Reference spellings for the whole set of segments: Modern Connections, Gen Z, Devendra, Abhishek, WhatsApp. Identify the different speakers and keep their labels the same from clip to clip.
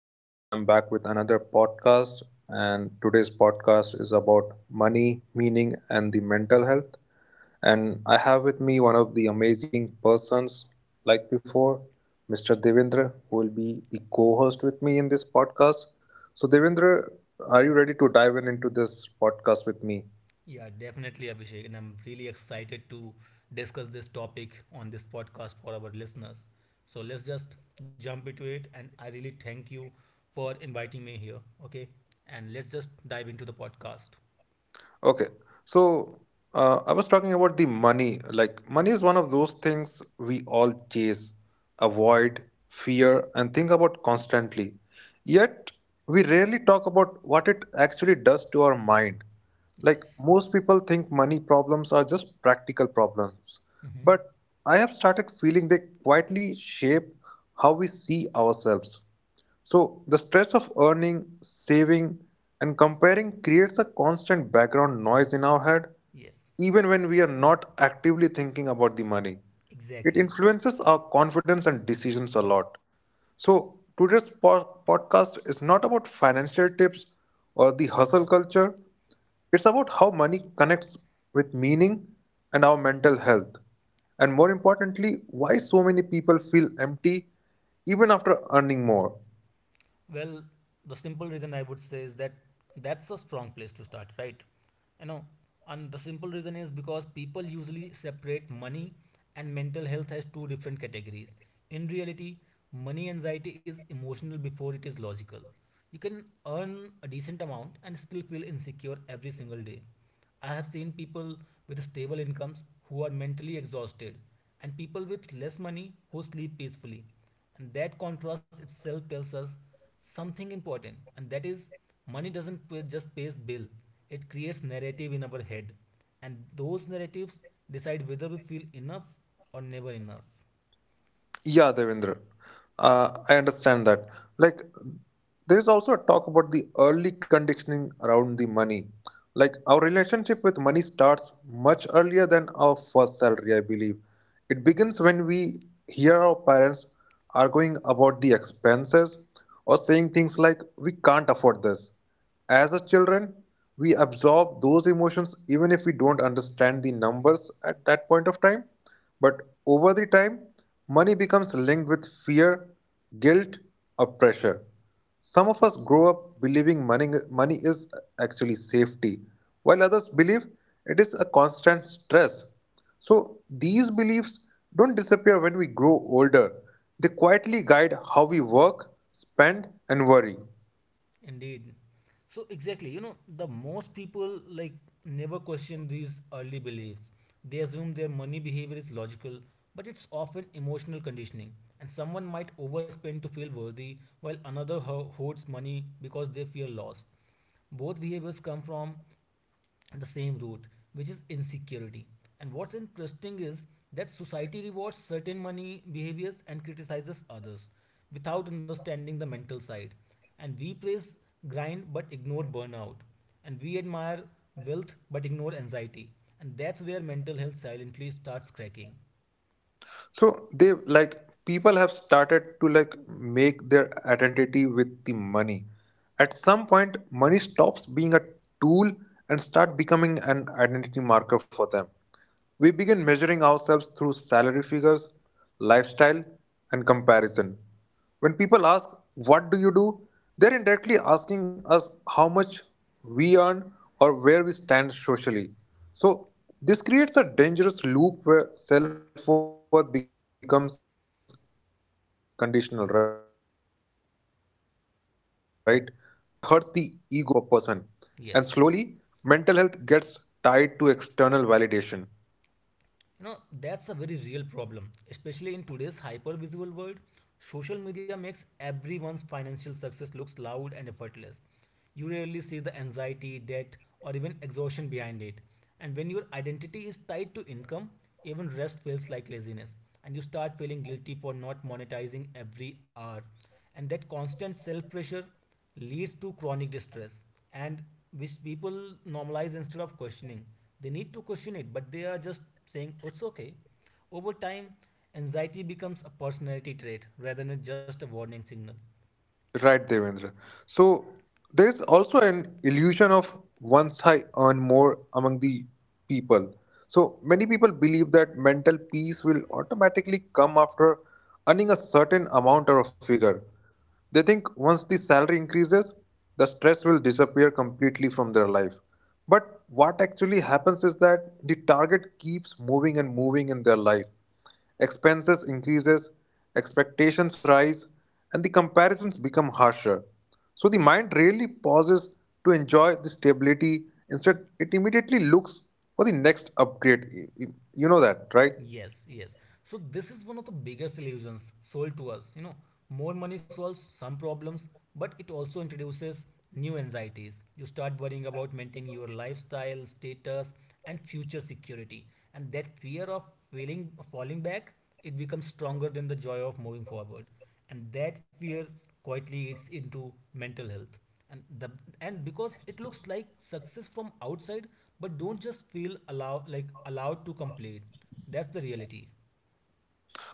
Speaker 1: So, I'm back with another podcast, and today's podcast is about money, meaning, and the mental health. And I have with me one of the amazing persons, like before, Mr. Devendra, who will be the co host with me in this podcast. So, Devendra, are you ready to dive in into this podcast with me?
Speaker 2: Yeah, definitely, Abhishek. And I'm really excited to discuss this topic on this podcast for our listeners. So let's just jump into it. And I really thank you for inviting me here. Okay. And let's just dive into the podcast.
Speaker 1: Okay. So I was talking about the money. Like, money is one of those things we all chase, avoid, fear, and think about constantly. Yet, we rarely talk about what it actually does to our mind. Like,
Speaker 2: Yes.
Speaker 1: most people think money problems are just practical problems.
Speaker 2: Mm-hmm.
Speaker 1: But I have started feeling they quietly shape how we see ourselves. So, the stress of earning, saving, and comparing creates a constant background noise in our head,
Speaker 2: Yes,
Speaker 1: even when we are not actively thinking about the money. It
Speaker 2: exactly.
Speaker 1: influences our confidence and decisions a lot. So, today's podcast is not about financial tips or the hustle culture, it's about how money connects with meaning and our mental health. And more importantly, why so many people feel empty even after earning more.
Speaker 2: Well, the simple reason I would say is that that's a strong place to start, right? You know, and the simple reason is because people usually separate money and mental health as two different categories. In reality, money anxiety is emotional before it is logical. You can earn a decent amount and still feel insecure every single day. I have seen people with stable incomes who are mentally exhausted, and people with less money who sleep peacefully. And that contrast itself tells us something important, and that is, money doesn't pay, just pays bill. It creates narrative in our head, and those narratives decide whether we feel enough or never enough.
Speaker 1: Yeah, Devendra, I understand that. Like, there is also a talk about the early conditioning around the money. Like, our relationship with money starts much earlier than our first salary, I believe. It begins when we hear our parents arguing about the expenses or saying things like, we can't afford this. As a children, we absorb those emotions even if we don't understand the numbers at that point of time. But over the time, money becomes linked with fear, guilt, or pressure. Some of us grow up believing money is actually safety, while others believe it is a constant stress. So, these beliefs don't disappear when we grow older, they quietly guide how we work, spend, and worry.
Speaker 2: Indeed. So exactly, the most people, like, never question these early beliefs. They assume their money behavior is logical, but it's often emotional conditioning. And someone might overspend to feel worthy, while another hoards money because they fear loss. Both behaviors come from the same route, which is insecurity. And what's interesting is that society rewards certain money behaviors and criticizes others without understanding the mental side. And we praise grind but ignore burnout. And we admire wealth but ignore anxiety. And that's where mental health silently starts cracking.
Speaker 1: So they like people have started to like make their identity with the money. At some point, money stops being a tool and start becoming an identity marker for them. We begin measuring ourselves through salary figures, lifestyle, and comparison. When people ask, "What do you do?" they're indirectly asking us how much we earn or where we stand socially. So, this creates a dangerous loop where self worth becomes conditional, right? A bad financial phase doesn't just hurt the wallet, it hurts the ego of a person. And
Speaker 2: Yes.
Speaker 1: slowly, mental health gets tied to external validation.
Speaker 2: That's a very real problem, especially in today's hyper-visual world. Social media makes everyone's financial success looks loud and effortless. You rarely see the anxiety, debt, or even exhaustion behind it. And when your identity is tied to income, even rest feels like laziness, and you start feeling guilty for not monetizing every hour. And that constant self pressure leads to chronic distress, and which people normalize instead of questioning. They need to question it, but they are just saying it's okay. Over time, anxiety becomes a personality trait rather than just a warning signal.
Speaker 1: Right, Devendra. So there is also an illusion of once I earn more among the people. So many people believe that mental peace will automatically come after earning a certain amount or a figure. They think once the salary increases, the stress will disappear completely from their life. But what actually happens is that the target keeps moving and moving in their life. Expenses increases, expectations rise, and the comparisons become harsher. So the mind rarely pauses to enjoy the stability. Instead, it immediately looks for the next upgrade. You know that, right?
Speaker 2: Yes, yes. So this is one of the biggest illusions sold to us. More money solves some problems, but it also introduces new anxieties. You start worrying about maintaining your lifestyle, status, and future security. And that fear of failing falling back, it becomes stronger than the joy of moving forward, and that fear quietly eats into mental health. And the and because it looks like success from outside, but don't just feel allowed to complete. That's the reality.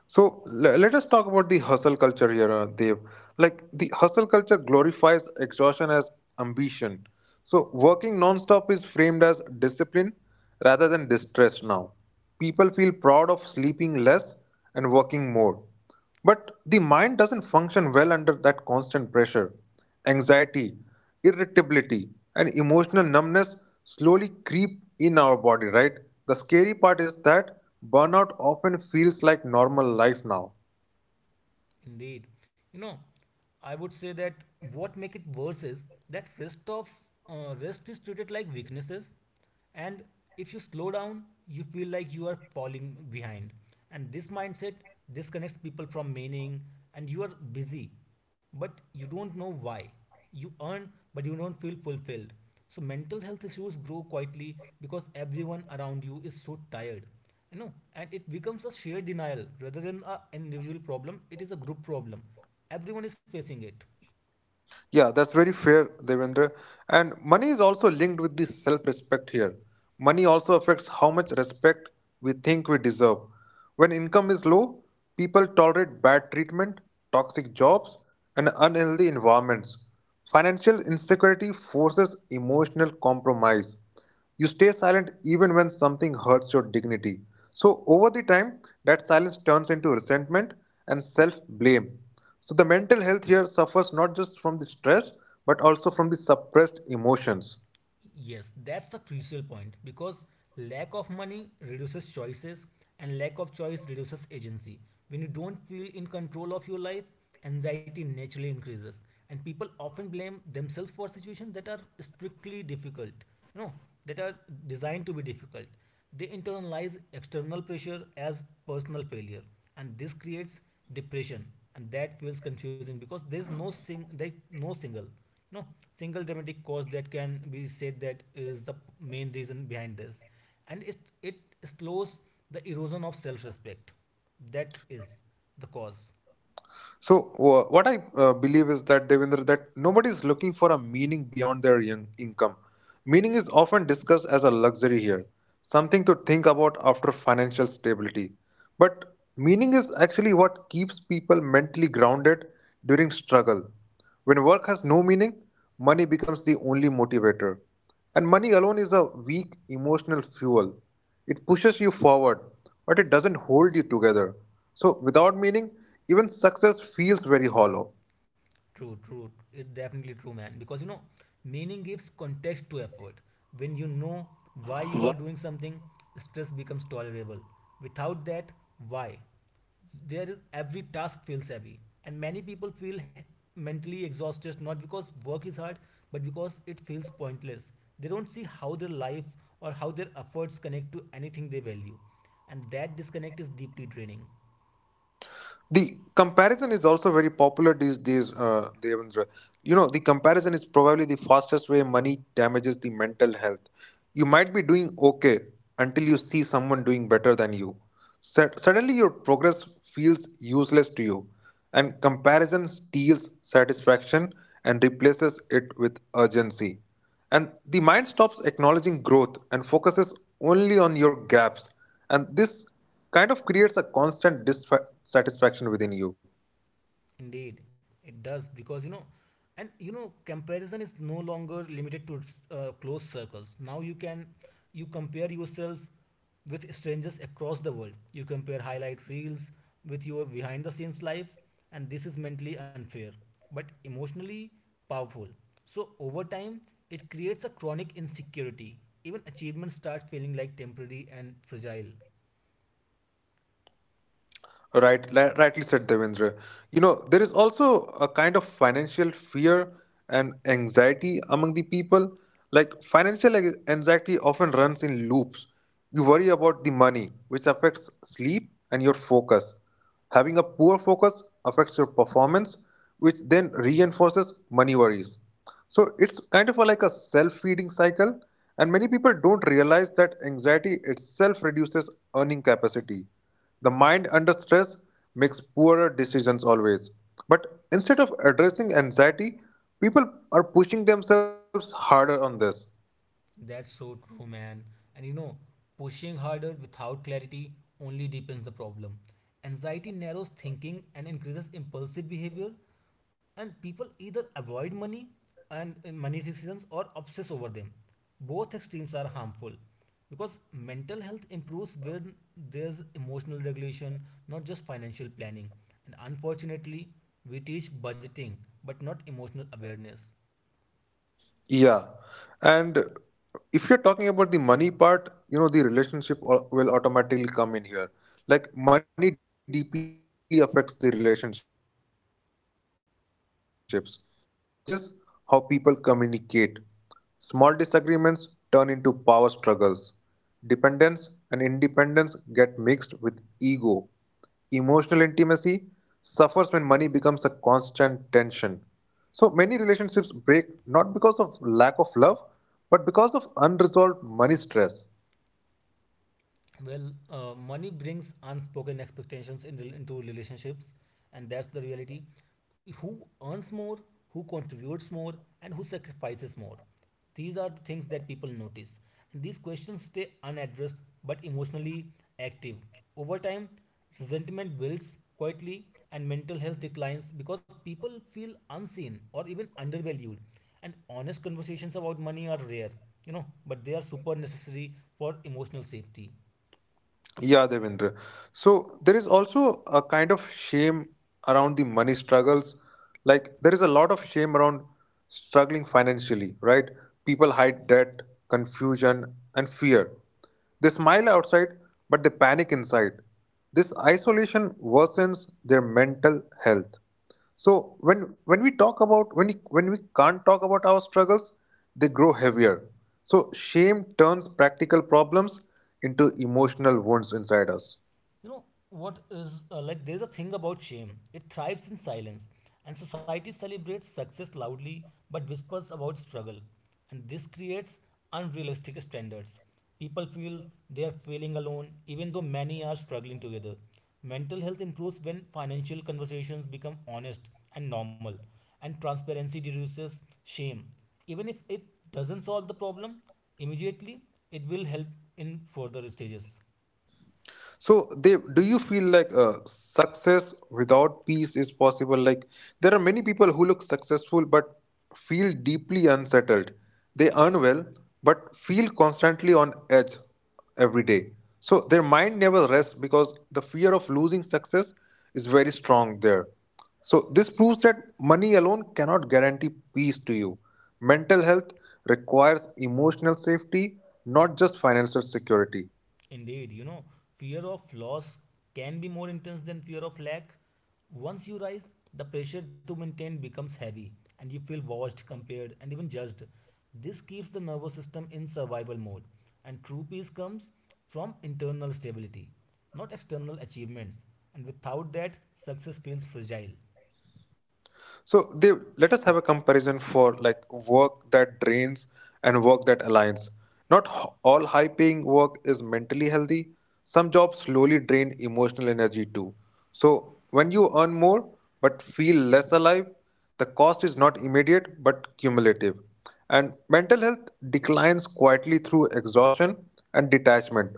Speaker 1: So let us talk about the hustle culture here, Dev. Like the hustle culture glorifies exhaustion as ambition. So working non-stop is framed as discipline rather than distress now. People feel proud of sleeping less and working more. But the mind doesn't function well under that constant pressure. Anxiety, irritability, and emotional numbness slowly creep in our body, right? The scary part is that burnout often feels like normal life now.
Speaker 2: Indeed. you know I would say that what make it worse is that rest is treated like weaknesses. And if you slow down, you feel like you are falling behind. And this mindset disconnects people from meaning, and you are busy, but you don't know why. You earn, but you don't feel fulfilled. So mental health issues grow quietly because everyone around you is so tired. And it becomes a shared denial rather than an individual problem. It is a group problem. Everyone is facing it.
Speaker 1: Yeah, that's very fair, Devendra. And money is also linked with the self respect here. Money also affects how much respect we think we deserve. When income is low, people tolerate bad treatment, toxic jobs, and unhealthy environments. Financial insecurity forces emotional compromise. You stay silent even when something hurts your dignity. So, over the time, that silence turns into resentment and self blame. So, the mental health here suffers not just from the stress but also from the suppressed emotions.
Speaker 2: Yes, that's the crucial point because lack of money reduces choices, and lack of choice reduces agency. When you don't feel in control of your life, anxiety naturally increases, and people often blame themselves for situations that are strictly difficult, you know, that are designed to be difficult. They internalize external pressure as personal failure, and this creates depression. And that feels confusing because there's no single you know single dramatic cause that can be said that is the main reason behind this. And it slows the erosion of self-respect. That is the cause.
Speaker 1: So, what I believe is that Devendra, that nobody is looking for a meaning beyond their young income. Meaning is often discussed as a luxury here, something to think about after financial stability. But meaning is actually what keeps people mentally grounded during struggle. When work has no meaning, money becomes the only motivator. And money alone is a weak emotional fuel. It pushes you forward, but it doesn't hold you together. So, without meaning, even success feels very hollow.
Speaker 2: True, true. It's definitely true, man. Because meaning gives context to effort. When you know why you are doing something, stress becomes tolerable. Without that, why? There is every task feels heavy, and many people feel mentally exhausted not because work is hard, but because it feels pointless. They don't see how their life or how their efforts connect to anything they value, and that disconnect is deeply draining.
Speaker 1: The comparison is also very popular these days, Devendra. You know, the comparison is probably the fastest way money damages the mental health. You might be doing okay until you see someone doing better than you. Suddenly, your progress feels useless to you, and comparison steals satisfaction and replaces it with urgency. And the mind stops acknowledging growth and focuses only on your gaps. And this kind of creates a constant dissatisfaction within you.
Speaker 2: Indeed, it does. Because comparison is no longer limited to close circles. Now you compare yourself with strangers across the world. You compare highlight reels with your behind the scenes life, and this is mentally unfair, but emotionally powerful. So over time, it creates a chronic insecurity. Even achievements start feeling like temporary and fragile.
Speaker 1: Right, rightly said, Devendra. You know, there is also a kind of financial fear and anxiety among the people. Like, financial anxiety often runs in loops. You worry about the money, which affects sleep and your focus. Having a poor focus affects your performance, which then reinforces money worries. So, it's kind of a, like a self feeding cycle, and many people don't realize that anxiety itself reduces earning capacity. The mind under stress makes poorer decisions always. But instead of addressing anxiety, people are pushing themselves harder on this.
Speaker 2: That's so true, man. And pushing harder without clarity only deepens the problem. Anxiety narrows thinking and increases impulsive behavior, and people either avoid money and money decisions or obsess over them. Both extremes are harmful because mental health improves when there's emotional regulation, not just financial planning. And unfortunately, we teach budgeting but not emotional awareness.
Speaker 1: Yeah. And if you're talking about the money part, you know, the relationship will automatically come in here. Like, money deeply affects the relationships. Even when we pretend it doesn't, financial stress changes how people communicate. Small disagreements turn into power struggles. Dependence and independence get mixed with ego. Emotional intimacy suffers when money becomes a constant tension. So many relationships break not because of lack of love, but because of unresolved money stress.
Speaker 2: Well, money brings unspoken expectations into relationships, and that's the reality. Who earns more, who contributes more, and who sacrifices more? These are the things that people notice, and these questions stay unaddressed but emotionally active. Over time, resentment builds quietly, and mental health declines because people feel unseen or even undervalued. And honest conversations about money are rare, but they are super necessary for emotional safety.
Speaker 1: Yeah, Devendra. So there is also a kind of shame around the money struggles. Like there is a lot of shame around struggling financially, right? People hide debt, confusion, and fear. They smile outside, but they panic inside. This isolation worsens their mental health. So when we talk about when we can't talk about our struggles, they grow heavier. So shame turns practical problems into emotional wounds inside us.
Speaker 2: You know what is Like, there's a thing about shame. It thrives in silence, and society celebrates success loudly but whispers about struggle. And this creates unrealistic standards. People feel they are failing alone, even though many are struggling together. Mental health improves when financial conversations become honest and normal, and transparency reduces shame. Even if it doesn't solve the problem immediately, it will help in further stages.
Speaker 1: So they, do you feel like success without peace is possible? Like, there are many people who look successful but feel deeply unsettled. They earn well but feel constantly on edge every day. So their mind never rests because the fear of losing success is very strong there. So this proves that money alone cannot guarantee peace to you. Mental health requires emotional safety, not just financial security.
Speaker 2: Indeed, fear of loss can be more intense than fear of lack. Once you rise, the pressure to maintain becomes heavy, and you feel watched, compared, and even judged. This keeps the nervous system in survival mode, and true peace comes from internal stability, not external achievements. And without that, success feels fragile.
Speaker 1: So they let us have a comparison for like work that drains and work that aligns. Not all high paying work is mentally healthy. Some jobs slowly drain emotional energy too. So when you earn more but feel less alive, the cost is not immediate but cumulative. And mental health declines quietly through exhaustion and detachment.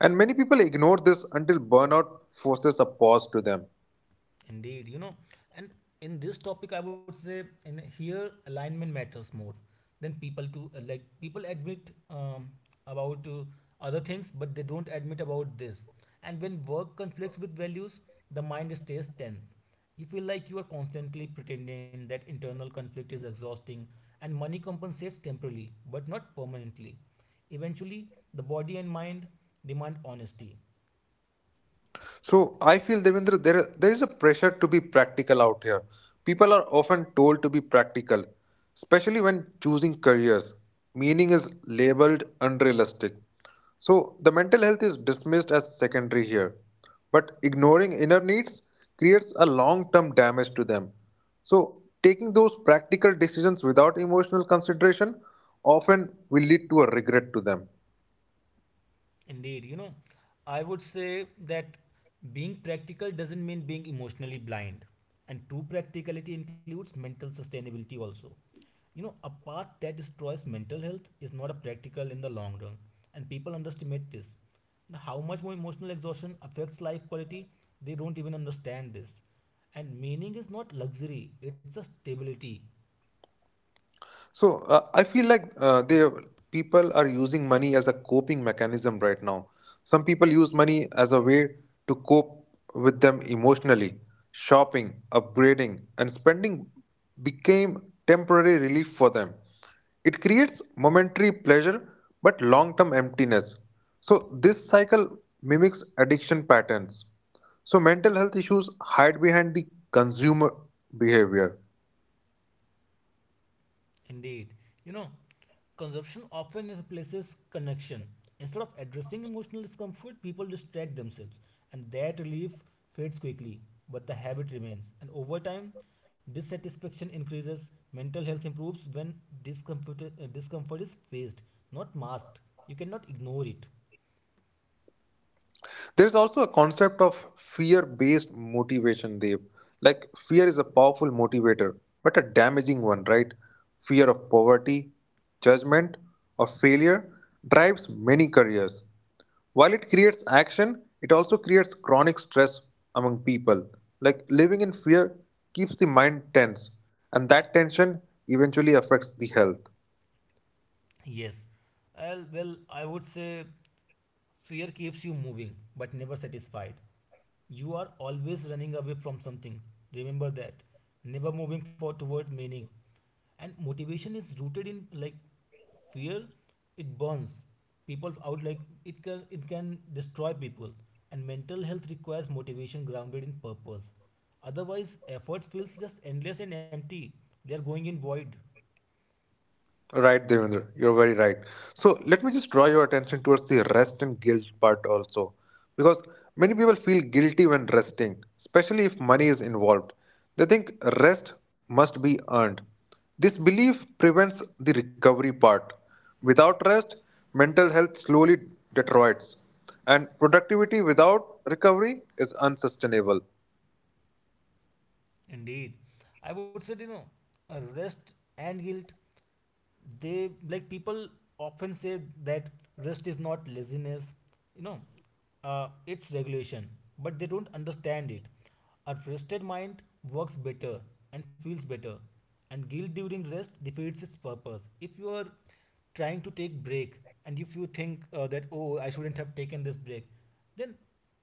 Speaker 1: And many people ignore this until burnout forces a pause to them.
Speaker 2: Indeed, and in this topic, I would say in here alignment matters more than people to like people admit about other things, but they don't admit about this. And when work conflicts with values, the mind stays tense. You feel like you are constantly pretending that internal conflict is exhausting, and money compensates temporarily, but not permanently. Eventually, the body and mind demand honesty.
Speaker 1: So I feel Devendra, there is a pressure to be practical out here. People are often told to be practical, especially when choosing careers. Meaning is labeled unrealistic. So the mental health is dismissed as secondary here. But ignoring inner needs creates a long-term damage to them. So taking those practical decisions without emotional consideration often will lead to a regret to them.
Speaker 2: Indeed, I would say that being practical doesn't mean being emotionally blind. And true practicality includes mental sustainability also. A path that destroys mental health is not a practical in the long run. And people underestimate this. And how much more emotional exhaustion affects life quality, they don't even understand this. And meaning is not luxury, it's a stability.
Speaker 1: So I feel like they people are using money as a coping mechanism right now. Some people use money as a way to cope with them emotionally. Shopping, upgrading, and spending became temporary relief for them. It creates momentary pleasure but long-term emptiness. So this cycle mimics addiction patterns. So mental health issues hide behind the consumer behavior.
Speaker 2: Indeed. You know, Consumption often replaces connection. Instead of addressing emotional discomfort, people distract themselves, and that relief fades quickly, but the habit remains. And over time, dissatisfaction increases. Mental health improves when discomfort is faced, not masked. You cannot ignore it.
Speaker 1: There's also a concept of fear based motivation, Dev. Like, fear is a powerful motivator, but a damaging one, right? Fear of poverty, judgment, or failure drives many careers. While it creates action, it also creates chronic stress among people. Like, living in fear keeps the mind tense, and that tension eventually affects the health.
Speaker 2: Yes. Well, I would say fear keeps you moving, but never satisfied. You are always running away from something. Remember that. Never moving forward toward meaning. And motivation is rooted in like fear. It burns people out. Like it can destroy people. And mental health requires motivation grounded in purpose. Otherwise, efforts feels just endless and empty. They are going in void.
Speaker 1: Right, Devendra, you're very right. So let me just draw your attention towards the rest and guilt part also, because many people feel guilty when resting, especially if money is involved. They think rest must be earned. This belief prevents the recovery part. Without rest, mental health slowly deteriorates, and productivity without recovery is unsustainable.
Speaker 2: Indeed, I would say rest and guilt, they, like, people often say that rest is not laziness, you know it's regulation, but they don't understand it. A rested mind works better and feels better. And guilt during rest defeats its purpose. If you are trying to take break and if you think that, oh, I shouldn't have taken this break, then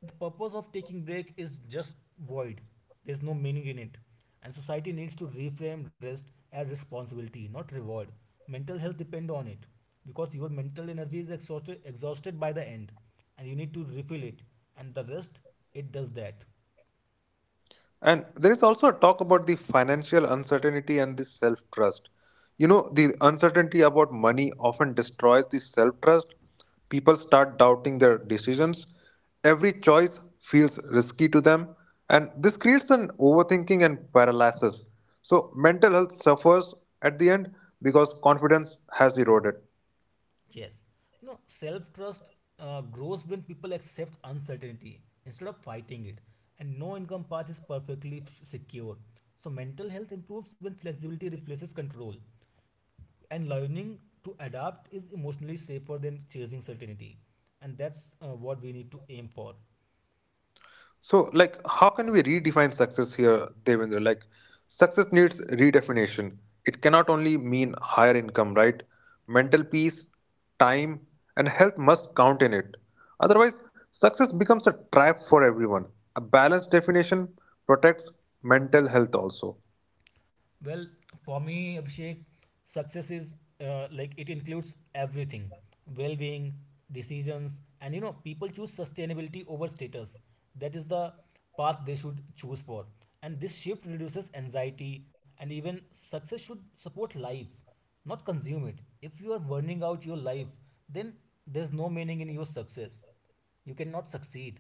Speaker 2: the purpose of taking break is just void. There's no meaning in it. And society needs to reframe rest as responsibility, not reward. Mental health depend on it because your mental energy is exhausted, exhausted by the end, and you need to refill it, and the rest, it does that.
Speaker 1: And there is also a talk about the financial uncertainty and the self trust. You know, the uncertainty about money often destroys the self trust. People start doubting their decisions. Every choice feels risky to them. And this creates an overthinking and paralysis. So, mental health suffers at the end because confidence has eroded.
Speaker 2: Yes. Self-trust grows when people accept uncertainty instead of fighting it, and no income path is perfectly secure. So mental health improves when flexibility replaces control, and learning to adapt is emotionally safer than chasing certainty, and that's what we need to aim for.
Speaker 1: So, like, how can we redefine success here, Devendra? Like, success needs redefinition. It cannot only mean higher income, right? Mental peace, time, and health must count in it. Otherwise, success becomes a trap for everyone. A balanced definition protects mental health also.
Speaker 2: Well, for me, Abhishek, success is like it includes everything: well-being, decisions, and people choose sustainability over status. That is the path they should choose for. And this shift reduces anxiety. And even success should support life, not consume it. If you are burning out your life, then there's no meaning in your success. You cannot succeed.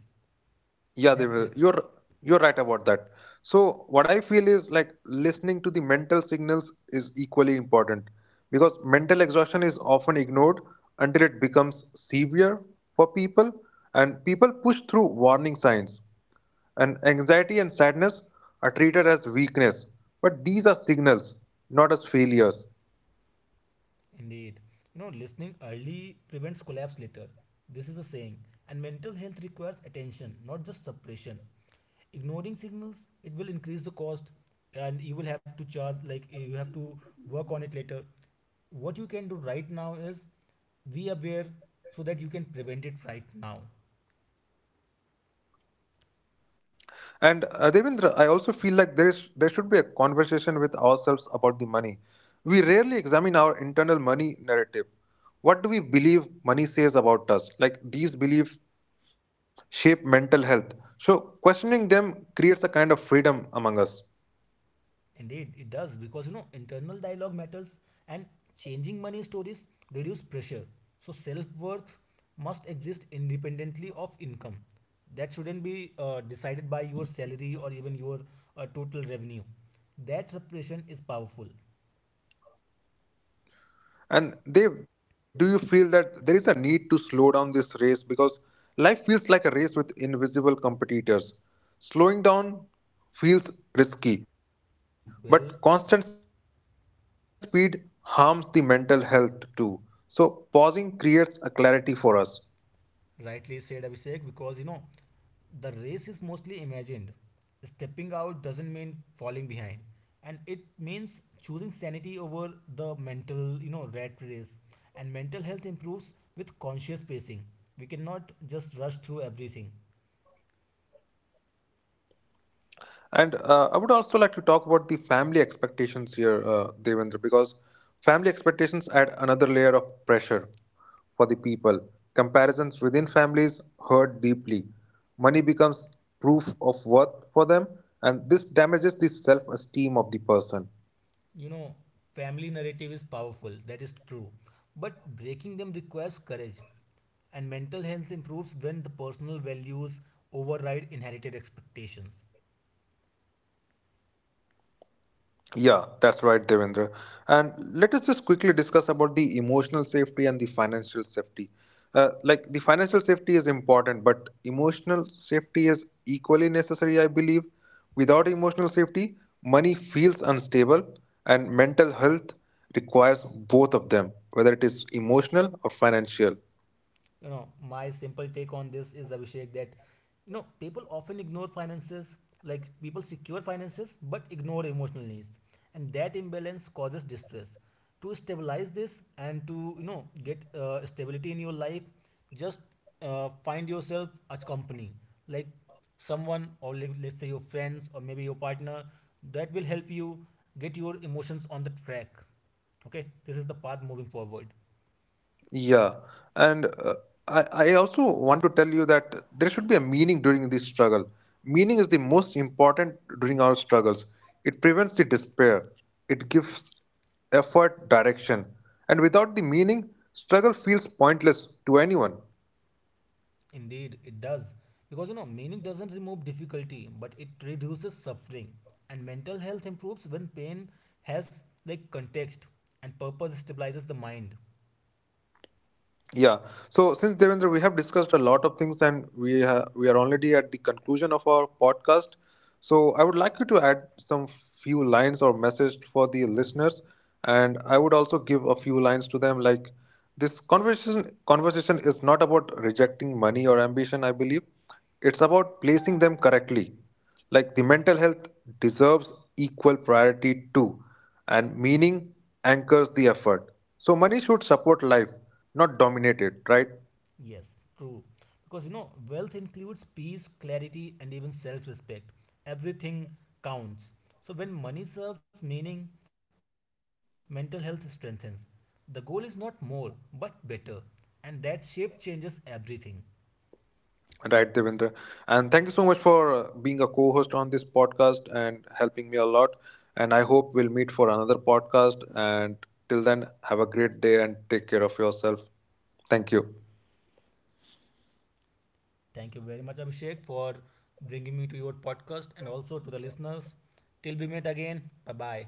Speaker 1: Yeah, they
Speaker 2: That's
Speaker 1: will.
Speaker 2: it,
Speaker 1: You're right about that. So what I feel is like listening to the mental signals is equally important because mental exhaustion is often ignored until it becomes severe for people and people push through warning signs. And anxiety and sadness are treated as weakness, but these are signals, not as failures.
Speaker 2: indeed. Listening early prevents collapse later. This is a saying. And mental health requires attention, not just suppression. Ignoring signals, it will increase the cost, and you will have to charge, like, you have to work on it later. What you can do right now is be aware so that you can prevent it right now.
Speaker 1: And Devendra, I also feel like there should be a conversation with ourselves about the money. We rarely examine our internal money narrative. What do we believe money says about us? Like these beliefs shape mental health. So questioning them creates a kind of freedom among us.
Speaker 2: Indeed, it does. Because internal dialogue matters, and changing money stories reduce pressure. So self worth must exist independently of income. That shouldn't be decided by your salary or even your total revenue. That repression is powerful.
Speaker 1: And they do you feel that there is a need to slow down this race because life feels like a race with invisible competitors. Slowing down feels risky, but constant
Speaker 2: Well,
Speaker 1: speed harms the mental health too. So pausing creates a clarity for us.
Speaker 2: rightly said, Abhishek, because the race is mostly imagined. Stepping out doesn't mean falling behind, and it means choosing sanity over the mental, rat race. And mental health improves with conscious pacing. We cannot just rush through everything.
Speaker 1: And I would also like to talk about the family expectations here, Devendra, because family expectations add another layer of pressure for the people. Comparisons within families hurt deeply. Money becomes proof of worth for them, and this damages the self esteem of the person.
Speaker 2: You know, Family narrative is powerful, that is true, but breaking them requires courage. And mental health improves when the personal values override inherited expectations.
Speaker 1: Yeah, that's right, Devendra. And let us just quickly discuss about the emotional safety and the financial safety. Like, the financial safety is important, but emotional safety is equally necessary, I believe. Without emotional safety, money feels unstable, and mental health requires both of them, whether it is emotional or financial.
Speaker 2: My simple take on this is, Abhishek, that people often ignore finances, like people secure finances but ignore emotional needs, and that imbalance causes distress. To stabilize this and to get stability in your life, just find yourself a company, like someone, or let's say your friends or maybe your partner, that will help you get your emotions on the track. Okay, this is the path moving forward.
Speaker 1: Yeah, and I also want to tell you that there should be a meaning during this struggle. Meaning is the most important during our struggles. It prevents the despair. It gives effort direction. And without the meaning, struggle feels pointless to anyone.
Speaker 2: Indeed, it does. Because meaning doesn't remove difficulty, but it reduces suffering. And mental health improves when pain has like context, and purpose stabilizes the mind.
Speaker 1: Yeah. So since Devendra, we have discussed a lot of things, and we are already at the conclusion of our podcast. So I would like you to add some few lines or message for the listeners, and I would also give a few lines to them. Like this conversation is not about rejecting money or ambition. I believe it's about placing them correctly. Like, the mental health deserves equal priority too, and meaning anchors the effort. So money should support life, not dominate it, right?
Speaker 2: Yes, true. Because wealth includes peace, clarity, and even self respect. Everything counts. So when money serves meaning, mental health strengthens. The goal is not more, but better. And that shape changes everything.
Speaker 1: Right, Devendra, and thank you so much for being a co-host on this podcast and helping me a lot. And I hope we'll meet for another podcast, and till then, have a great day and take care of yourself. Thank you.
Speaker 2: Thank you very much, Abhishek, for bringing me to your podcast and also to the listeners. Till we meet again, bye bye.